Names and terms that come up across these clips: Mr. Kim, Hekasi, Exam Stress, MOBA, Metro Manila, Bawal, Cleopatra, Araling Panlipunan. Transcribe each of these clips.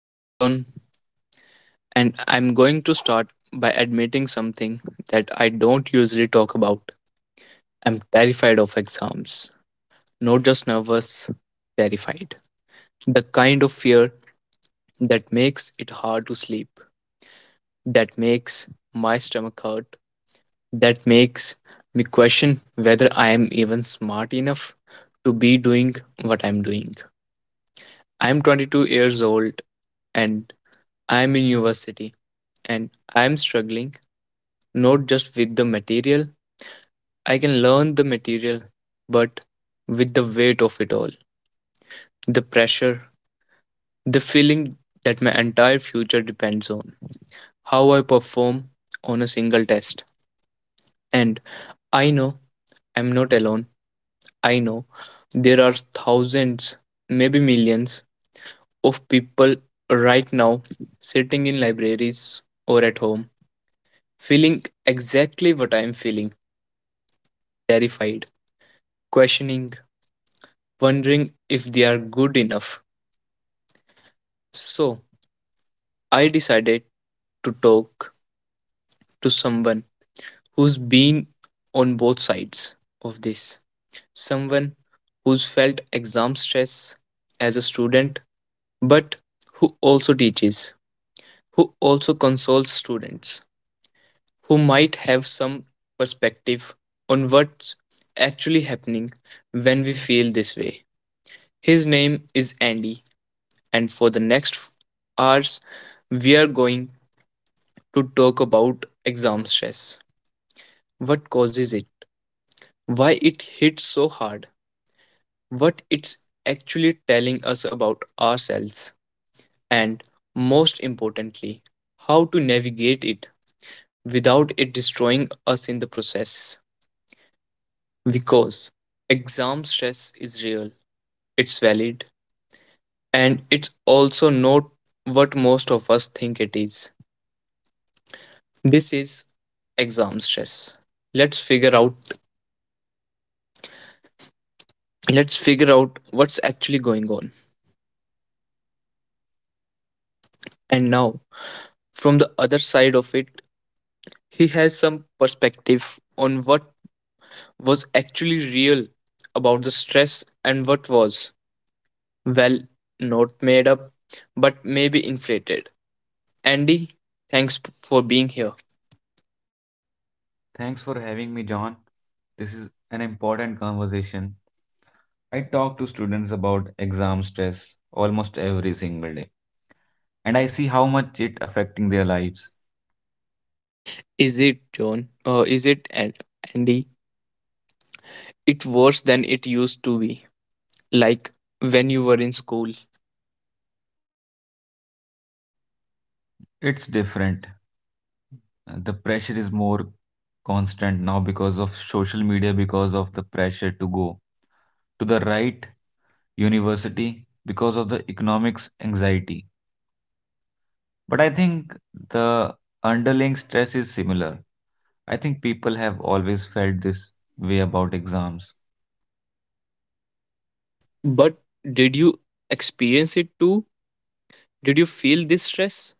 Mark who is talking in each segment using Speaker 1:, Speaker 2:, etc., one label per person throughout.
Speaker 1: I'm John, and I'm going to start by admitting something that I don't usually talk about. I'm terrified of exams. Not just nervous, terrified. The kind of fear that makes it hard to sleep, that makes my stomach hurt, that makes me question whether I am even smart enough to be doing what I'm doing. I'm 22 years old and I'm in university and I am struggling, not just with the material, I can learn the material, but with the weight of it all, the pressure, the feeling that my entire future depends on how I perform on a single test. And I know I'm not alone. I know there are thousands, maybe millions of people right now sitting in libraries or at home feeling exactly what I am feeling, terrified, questioning, wondering if they are good enough. So I decided to talk to someone who's been on both sides of this. Someone who's felt exam stress as a student, but who also teaches, who also consoles students, who might have some perspective on what's actually happening when we feel this way. His name is Andy, and for the next hours, we are going to talk about exam stress. What causes it? Why it hits so hard? What it's actually telling us about ourselves? And most importantly, how to navigate it without it destroying us in the process. Because exam stress is real, it's valid, and it's also not what most of us think it is. This is exam stress. Let's figure out let's figure out what's actually going on. And now, from the other side of it, he has some perspective on what was actually real about the stress and what was, well, not made up, but maybe inflated. Andy, for being here.
Speaker 2: Thanks for having me, John. This is an important conversation. I talk to students about exam stress almost every single day, and I see how much it affecting their lives.
Speaker 1: Is it, John? Is it, Andy? It worse than it used to be, like when you were in school.
Speaker 2: It's different. The pressure is more constant now because of social media, because of the pressure to go to the right university, because of the economics anxiety. But I think the underlying stress is similar. I think people have always felt this way about exams.
Speaker 1: But did you experience it too? Did you feel this stress?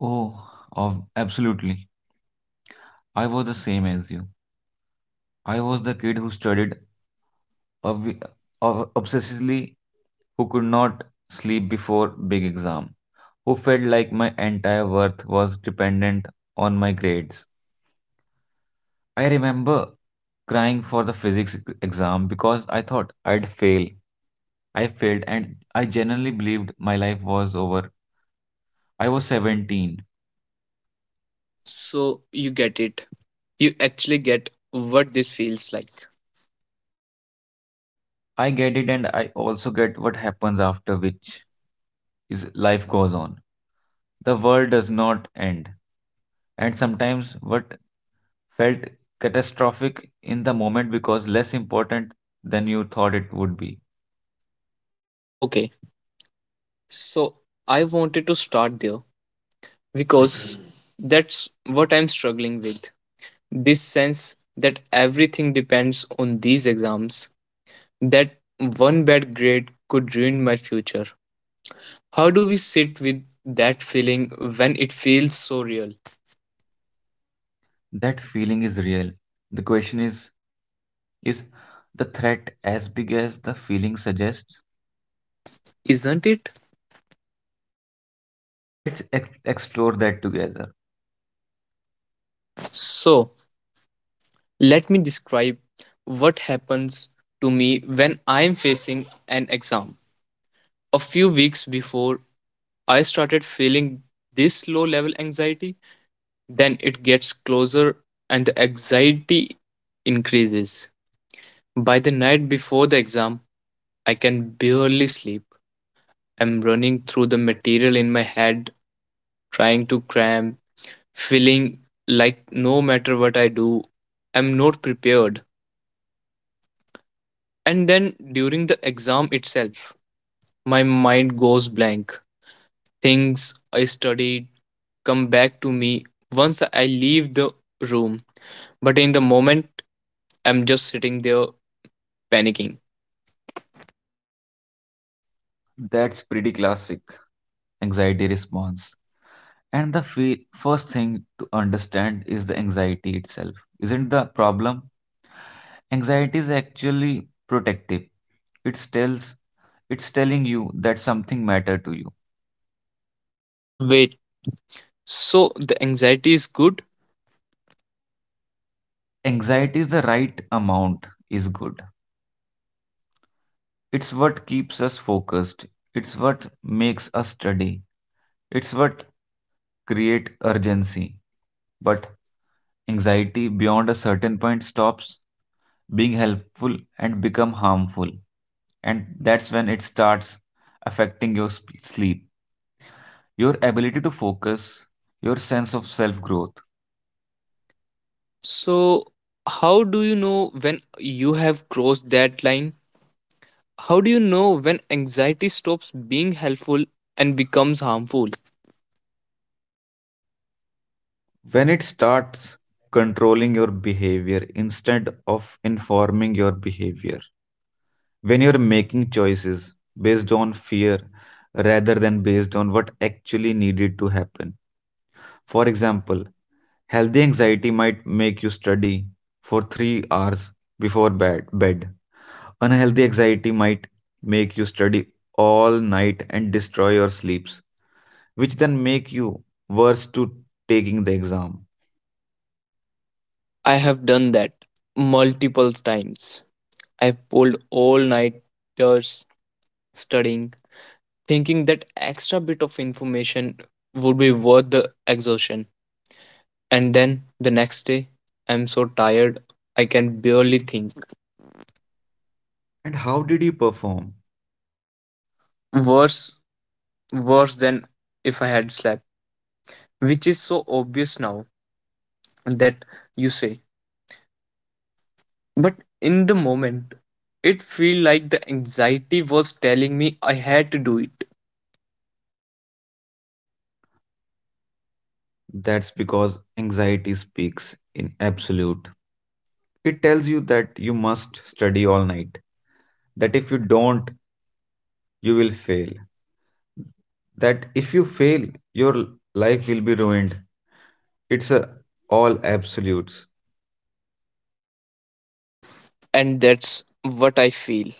Speaker 2: Oh, of absolutely. I was the same as you. I was the kid who studied ob- obsessively, who could not sleep before big exam, who felt like my entire worth was dependent on my grades. I remember crying for the physics exam because I thought I'd fail I failed, and I genuinely believed my life was over. I was 17.
Speaker 1: So you get it. You actually get what this feels like.
Speaker 2: I get it, and I also get what happens after, which is life goes on. The world does not end. And sometimes what felt catastrophic in the moment because less important than you thought it would be.
Speaker 1: Okay, so I wanted to start there because that's what I'm struggling with. This sense that everything depends on these exams, that one bad grade could ruin my future. How do we sit with that feeling when it feels so real?
Speaker 2: That feeling is real. The question is is the threat as big as the feeling suggests?
Speaker 1: Isn't it?
Speaker 2: Let's explore that together.
Speaker 1: So, let me describe what happens to me when I'm facing an exam. A few weeks before I started feeling this low level anxiety, then it gets closer and the anxiety increases. By the night before the exam, I can barely sleep. I'm running through the material in my head, trying to cram, feeling like no matter what I do, I'm not prepared. And then during the exam itself, my mind goes blank. Things I studied come back to me once I leave the room. But in the moment, I'm just sitting there panicking.
Speaker 2: That's pretty classic anxiety response. And the first thing to understand is the anxiety itself. Isn't the problem? Anxiety is actually protective. It tells it's telling you that something matter to you.
Speaker 1: Wait, so the anxiety is good?
Speaker 2: Anxiety is the right amount is good. It's what keeps us focused. It's what makes us study. It's what create urgency. But anxiety beyond a certain point stops being helpful and become harmful. And that's when it starts affecting your sleep, your ability to focus, your sense of self growth.
Speaker 1: So, how do you know when you have crossed that line? How do you know when anxiety stops being helpful and becomes harmful?
Speaker 2: When it starts controlling your behavior instead of informing your behavior, when you're making choices based on fear rather than based on what actually needed to happen. For example, healthy anxiety might make you study for 3 hours before bed. Unhealthy anxiety might make you study all night and destroy your sleeps, which then make you worse to taking the exam.
Speaker 1: I have done that multiple times. I've pulled all nighters studying, thinking that extra bit of information would be worth the exertion. And then the next day, I'm so tired, I can barely think.
Speaker 2: And how did you perform?
Speaker 1: Worse, worse than if I had slept, which is so obvious now that you say. But in the moment, it feel like the anxiety was telling me I had to do it.
Speaker 2: That's because anxiety speaks in absolute. It tells you that you must study all night, that if you don't, you will fail, that if you fail, your life will be ruined. It's a all absolutes.
Speaker 1: And that's what I feel.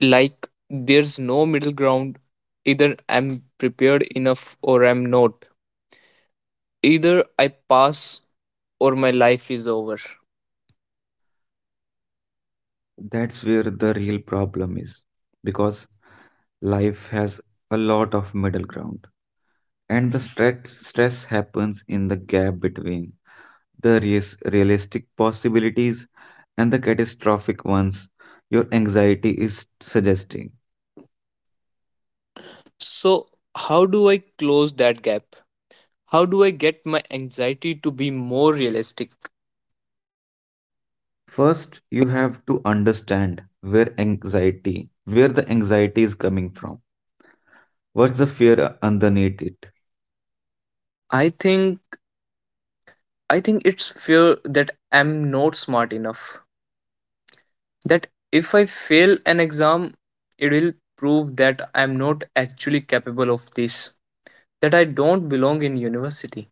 Speaker 1: Like there's no middle ground. Either I'm prepared enough or I'm not. Either I pass or my life is over.
Speaker 2: That's where the real problem is, because life has a lot of middle ground, and the stress happens in the gap between the realistic possibilities and the catastrophic ones your anxiety is suggesting.
Speaker 1: So, how do I close that gap? How do I get my anxiety to be more realistic?
Speaker 2: First you have to understand where the anxiety is coming from, what's the fear underneath it.
Speaker 1: I think I think it's fear that I'm not smart enough. That if I fail an exam, it will prove that I'm not actually capable of this. That I don't belong in university.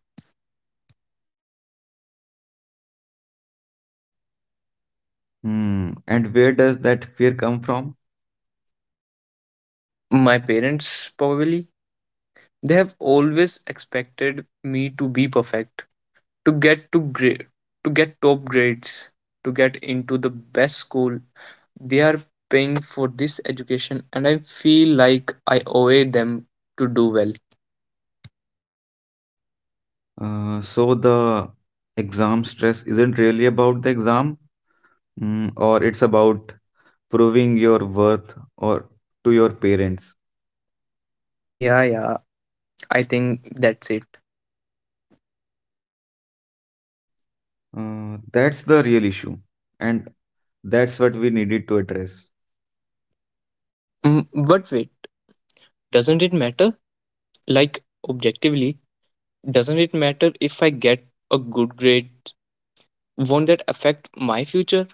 Speaker 2: Hmm. And where does that fear come from?
Speaker 1: My parents probably, they have always expected me to be perfect, to get to grade, to get top grades, to get into the best school. They are paying for this education and I feel like I owe them to do well.
Speaker 2: So the exam stress isn't really about the exam, or it's about proving your worth or to your parents.
Speaker 1: Yeah, yeah, I think that's it.
Speaker 2: That's the real issue, and that's what we needed to address.
Speaker 1: But wait, doesn't it matter, like objectively, doesn't it matter if I get a good grade? Won't that affect my future?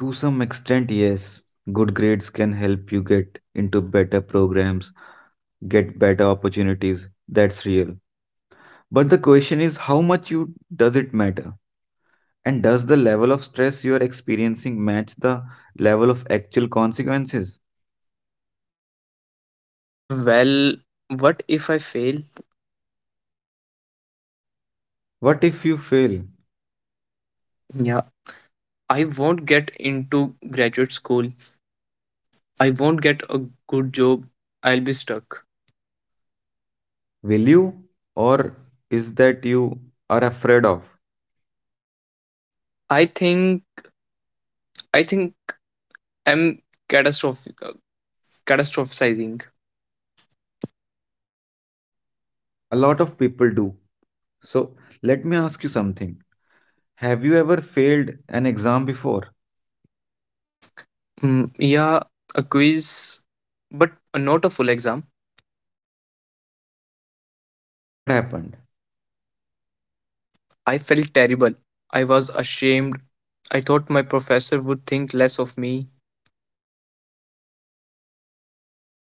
Speaker 2: To some extent, yes, good grades can help you get into better programs, get better opportunities. That's real. But the question is, how much you does it matter? And does the level of stress you are experiencing match the level of actual consequences?
Speaker 1: Well, what if I fail?
Speaker 2: What if you fail?
Speaker 1: Yeah, I won't get into graduate school, I won't get a good job, I'll be stuck.
Speaker 2: Will you? Or is that you are afraid of?
Speaker 1: I think i think i'm catastrophic. Catastrophizing.
Speaker 2: A lot of people do. So let me ask you something. Have you ever failed an exam before?
Speaker 1: Yeah, a quiz, but not a full exam.
Speaker 2: What happened?
Speaker 1: I felt terrible. I was ashamed. I thought my professor would think less of me.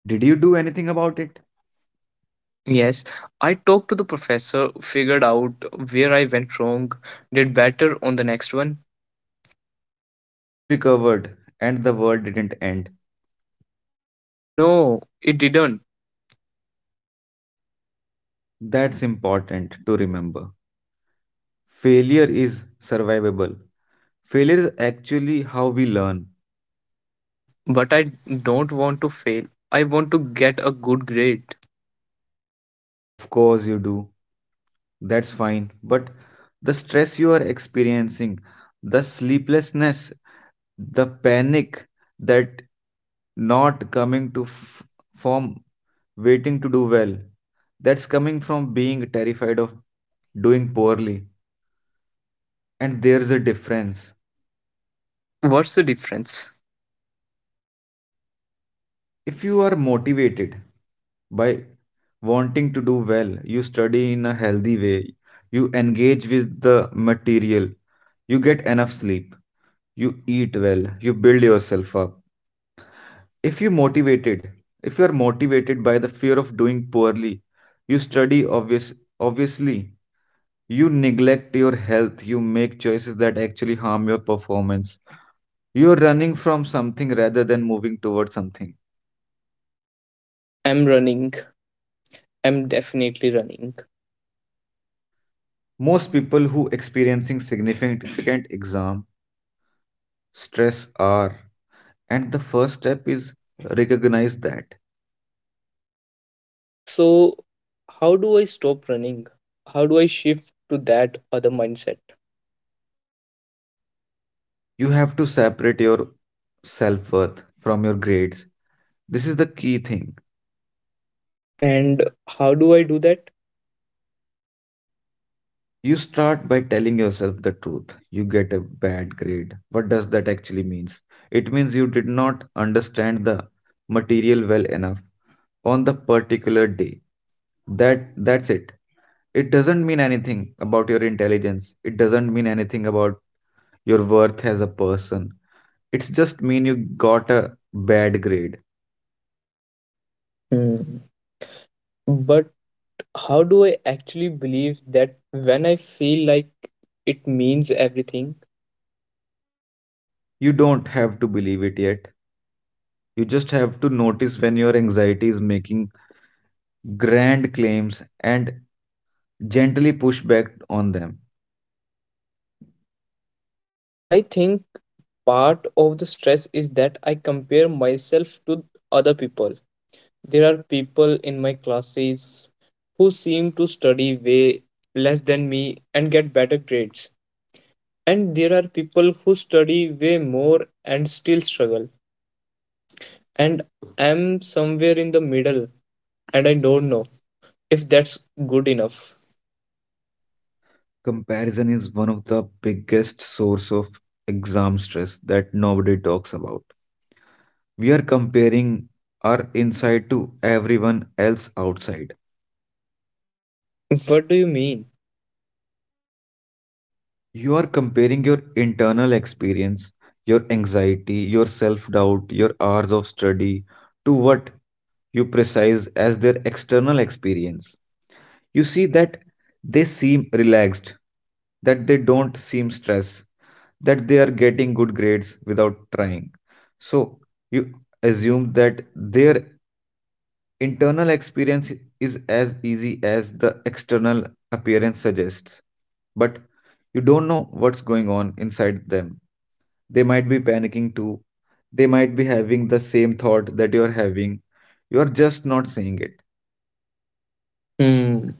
Speaker 2: Did you do anything about it?
Speaker 1: Yes, I talked to the professor, figured out where I went wrong, did better on the next one.
Speaker 2: So you recovered and the world didn't end.
Speaker 1: No, it didn't.
Speaker 2: That's important to remember. Failure is survivable. Failure is actually how we learn.
Speaker 1: But I don't want to fail. I want to get a good grade.
Speaker 2: Of course you do. That's fine. But the stress you are experiencing, the sleeplessness, the panic that not coming to form, waiting to do well, that's coming from being terrified of doing poorly. And there's a difference.
Speaker 1: What's the difference?
Speaker 2: If you are motivated by wanting to do well, you study in a healthy way, you engage with the material, you get enough sleep, you eat well, you build yourself up. If you motivated, if you are motivated by the fear of doing poorly, you study obviously, you neglect your health, you make choices that actually harm your performance. You are running from something rather than moving towards something.
Speaker 1: I'm running. I'm definitely running.
Speaker 2: Most people who experiencing significant exam stress are, and the first step is recognize that.
Speaker 1: So, how do I stop running? How do I shift to that other mindset?
Speaker 2: You have to separate your self-worth from your grades. This is the key thing.
Speaker 1: And how do I do that?
Speaker 2: You start by telling yourself the truth. You get a bad grade. What does that actually means? It means you did not understand the material well enough on the particular day. That's it. It doesn't mean anything about your intelligence. It doesn't mean anything about your worth as a person. It's just mean you got a bad grade.
Speaker 1: Hmm. But how do I actually believe that when I feel like it means everything?
Speaker 2: You don't have to believe it yet. You just have to notice when your anxiety is making grand claims and gently push back on them.
Speaker 1: I think part of the stress is that I compare myself to other people. There are people in my classes who seem to study way less than me and get better grades. And there are people who study way more and still struggle, and I'm somewhere in the middle, and I don't know if that's good enough.
Speaker 2: Comparison is one of the biggest source of exam stress that nobody talks about. We are comparing our inside to everyone else outside.
Speaker 1: What do you mean?
Speaker 2: You are comparing your internal experience, your anxiety, your self doubt, your hours of study to what you precise as their external experience. You see that they seem relaxed, that they don't seem stressed, that they are getting good grades without trying. So you assume that their internal experience is as easy as the external appearance suggests, but you don't know what's going on inside them. They might be panicking too. They might be having the same thought that you're having. You're just not saying it.
Speaker 1: Hmm,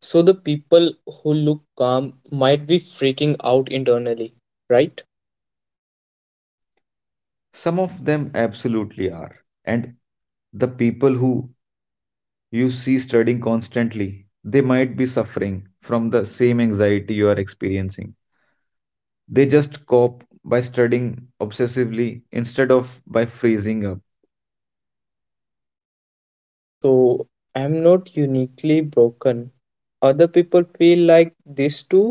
Speaker 1: so the people who look calm might be freaking out internally, right?
Speaker 2: Some of them absolutely are. And the people who you see studying constantly, they might be suffering from the same anxiety you are experiencing. They just cope by studying obsessively instead of by freezing up.
Speaker 1: So I'm not uniquely broken, other people feel like this too.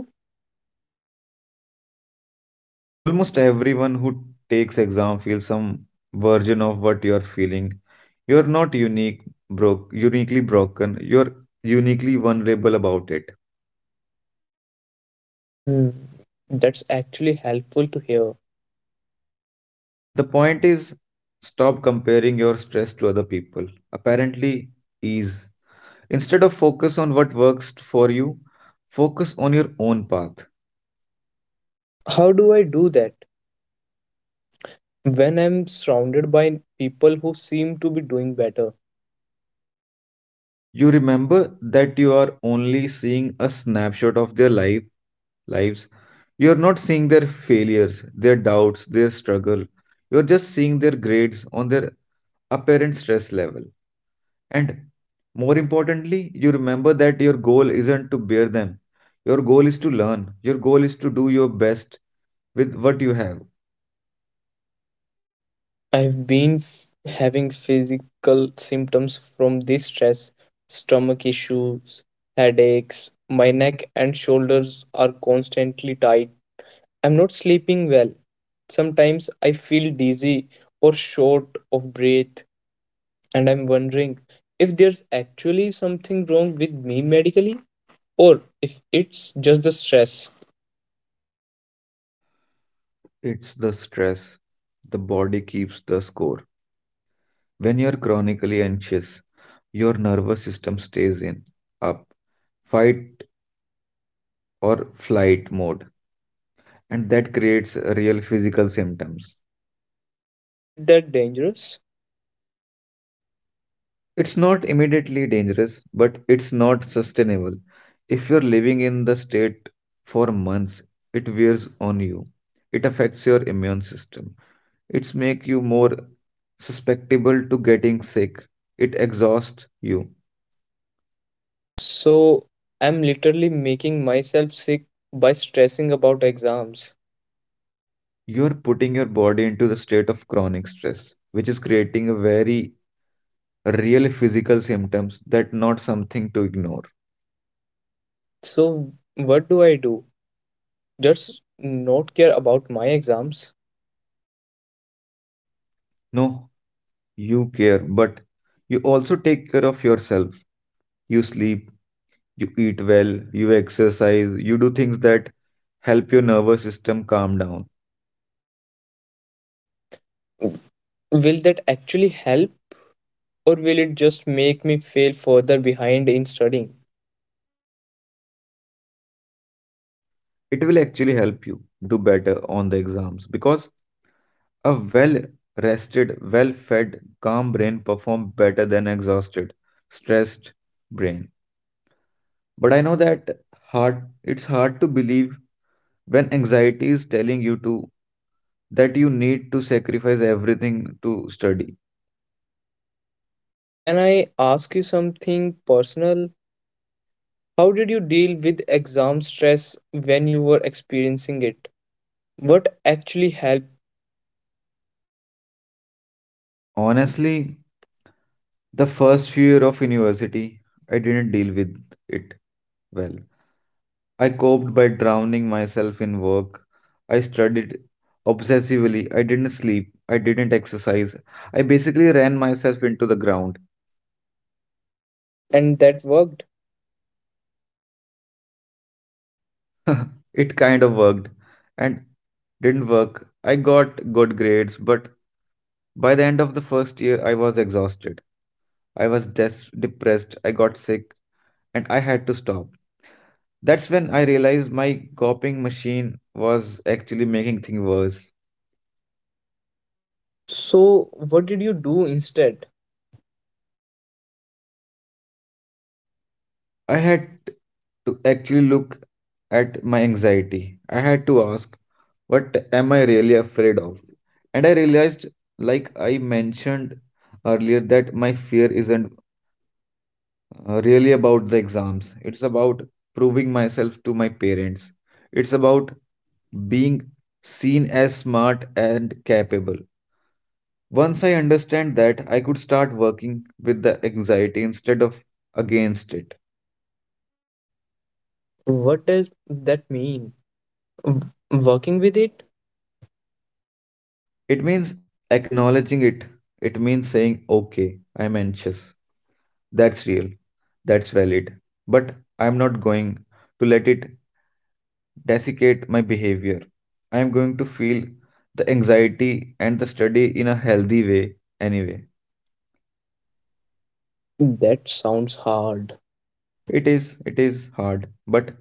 Speaker 2: Almost everyone who takes exam feels some version of what you're feeling. You're not unique, broke, uniquely broken. You're uniquely vulnerable about it.
Speaker 1: Hmm, that's actually helpful to hear.
Speaker 2: The point is, stop comparing your stress to other people. Apparently, ease. Instead of focus on what works for you, focus on your own path.
Speaker 1: How do I do that when I'm surrounded by people who seem to be doing better?
Speaker 2: You remember that you are only seeing a snapshot of their life lives. You're not seeing their failures, their doubts, their struggle. You're just seeing their grades on their apparent stress level. And more importantly, you remember that your goal isn't to bear them. Your goal is to learn. Your goal is to do your best with what you have.
Speaker 1: I've been f- having physical symptoms from this stress, stomach issues, headaches, my neck and shoulders are constantly tight. I'm not sleeping well. Sometimes I feel dizzy or short of breath, and I'm wondering if there's actually something wrong with me medically or if it's just the stress.
Speaker 2: It's the stress. The body keeps the score. When you're chronically anxious, your nervous system stays in up, fight or flight mode, and that creates real physical symptoms.
Speaker 1: Is it that dangerous?
Speaker 2: It's not immediately dangerous, but it's not sustainable. If you're living in the state for months, it wears on you. It affects your immune system. It's make you more susceptible to getting sick. It exhausts you.
Speaker 1: So I'm literally making myself sick by stressing about exams.
Speaker 2: You're putting your body into the state of chronic stress, which is creating a very real physical symptoms that not something to ignore.
Speaker 1: So what do I do? Just not care about my exams?
Speaker 2: No, you care, but you also take care of yourself. You sleep, you eat well, you exercise, you do things that help your nervous system calm down.
Speaker 1: Will that actually help or will it just make me fail further behind in studying?
Speaker 2: It will actually help you do better on the exams because a well rested, well fed, calm brain perform better than exhausted, stressed brain. But I know that hard it's hard to believe when anxiety is telling you to that you need to sacrifice everything to study.
Speaker 1: Can I ask you something personal? How did you deal with exam stress when you were experiencing it? What actually helped
Speaker 2: Ho- Honestly, the first few year of university, I didn't deal with it well. I coped by drowning myself in work. I studied obsessively. I didn't sleep. I didn't exercise. I basically ran myself into the ground.
Speaker 1: and that worked?
Speaker 2: It kind of worked and didn't work. I got good grades, but by the end of the first year, I was exhausted. I was depressed. I got sick and I had to stop. That's when I realized my coping machine was actually making things worse.
Speaker 1: So, what did you do instead?
Speaker 2: I had to actually look at my anxiety. I had to ask, what am I really afraid of? And I realized, like I mentioned earlier, that my fear isn't really about the exams. It's about proving myself to my parents. It's about being seen as smart and capable. Once I understand that, I could start working with the anxiety instead of against it.
Speaker 1: What does that mean? Working with it.
Speaker 2: It means acknowledging it. It means saying, okay, I'm anxious. That's real. That's valid. But I'm not going to let it desiccate my behavior. I am going to feel the anxiety and the study in a healthy way anyway.
Speaker 1: That sounds hard.
Speaker 2: It is hard, but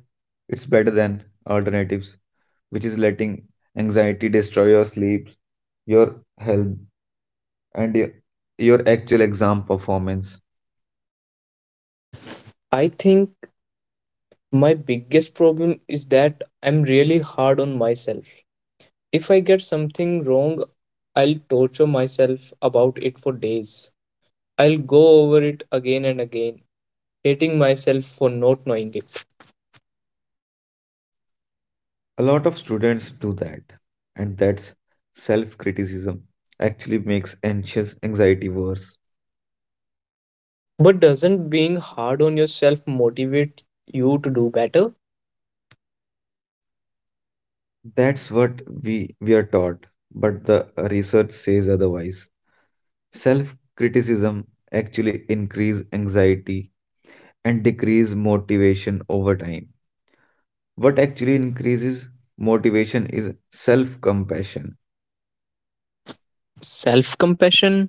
Speaker 2: it's better than alternatives, which is letting anxiety destroy your sleep, your health, and your actual exam performance.
Speaker 1: I think my biggest problem is that I'm really hard on myself. If I get something wrong, I'll torture myself about it for days, I'll go over it again and again, hating myself for not knowing it.
Speaker 2: A lot of students do that, and that's self criticism actually makes anxious anxiety worse.
Speaker 1: But doesn't being hard on yourself motivate you to do better?
Speaker 2: That's what we are taught, but the research says otherwise. Self criticism actually increase anxiety and decrease motivation over time. What actually increases motivation is self compassion.
Speaker 1: Self compassion,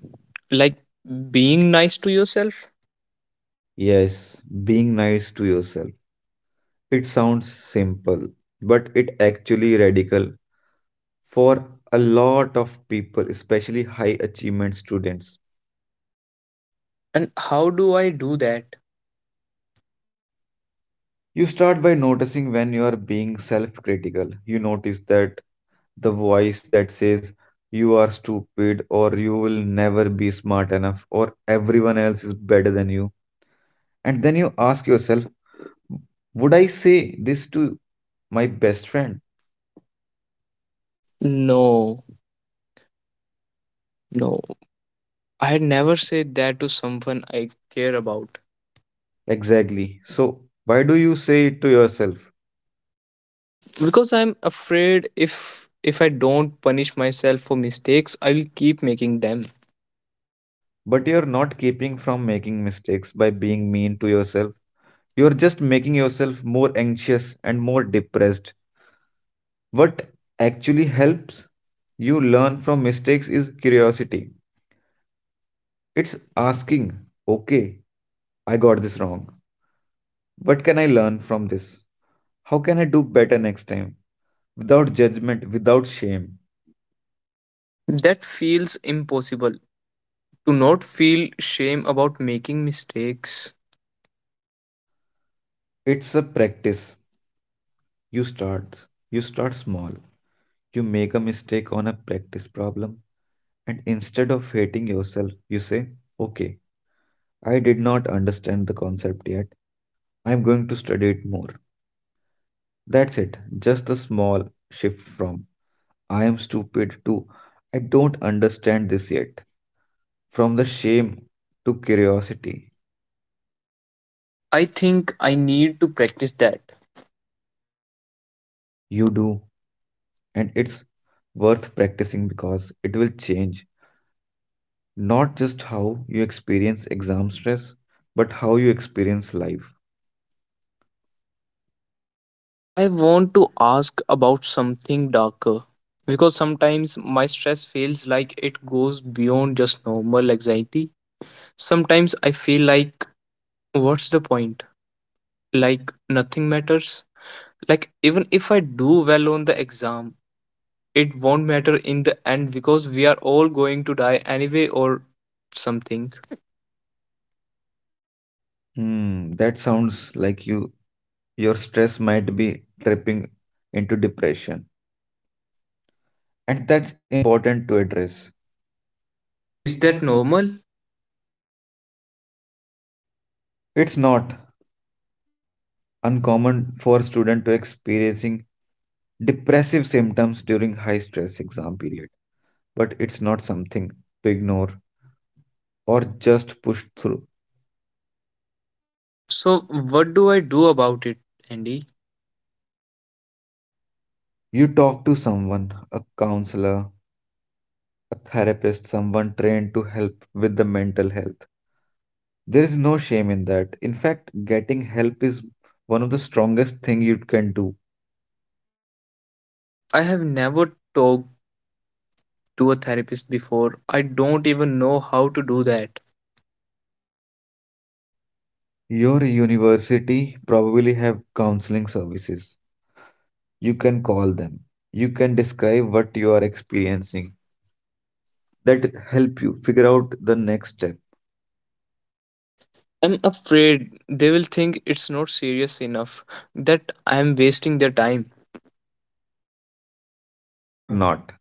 Speaker 1: like being nice to yourself?
Speaker 2: Yes, being nice to yourself. It sounds simple, but it actually radical for a lot of people, especially high achievement students.
Speaker 1: And how do I do that?
Speaker 2: You start by noticing when you are being self critical. You notice that the voice that says you are stupid or you will never be smart enough or everyone else is better than you. And then you ask yourself, would I say this to my best friend?
Speaker 1: No No, I never say that to someone I care about.
Speaker 2: Exactly. So, why do you say it to yourself?
Speaker 1: Because I'm afraid if I don't punish myself for mistakes, I will keep making them.
Speaker 2: But you're not keeping from making mistakes by being mean to yourself. You're just making yourself more anxious and more depressed. What actually helps you learn from mistakes is curiosity. It's asking, okay, I got this wrong. What can I learn from this? How can I do better next time? Without judgment, without shame.
Speaker 1: That feels impossible. To not feel shame about making mistakes.
Speaker 2: It's a practice. You start. You start small. You make a mistake on a practice problem. And instead of hating yourself, you say, okay, I did not understand the concept yet. I'm going to study it more. That's it. Just a small shift from I am stupid too. I don't understand this yet. From the shame to curiosity,
Speaker 1: I think I need to practice that.
Speaker 2: you do. And it's worth practicing because it will change not just how you experience exam stress, but how you experience life.
Speaker 1: I want to ask about something darker because sometimes my stress feels like it goes beyond just normal anxiety. Sometimes I feel like, what's the point? Like nothing matters, like even if I do well on the exam, it won't matter in the end because we are all going to die anyway or something.
Speaker 2: Hmm, that sounds like your stress might be tripping into depression. And that's important to address. Is
Speaker 1: Is
Speaker 2: that
Speaker 1: that
Speaker 2: not?
Speaker 1: normal?
Speaker 2: It's not uncommon for students to experiencing depressive symptoms during high stress exam period, but it's not something to ignore or just push through.
Speaker 1: So what do I do about it, Andy?
Speaker 2: You talk to someone, a counselor, a therapist, someone trained to help with the mental health. There is no shame in that. In fact, getting help is one of the strongest thing you can do.
Speaker 1: I have never talked to a therapist before, I don't even know how to do that.
Speaker 2: Your university probably have counseling services. You can call them. You can describe what you are experiencing. That help you figure out the next step.
Speaker 1: I'm afraid they will think it's not serious enough, that I'm wasting their time.
Speaker 2: You are not.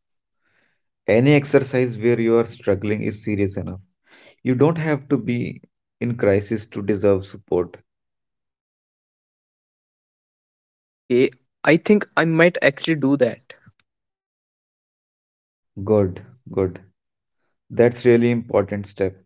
Speaker 2: Any exercise where you are struggling is serious enough. You don't have to be in crisis to deserve support.
Speaker 1: Okay, I think I might actually do that.
Speaker 2: Good, good. That's really important step.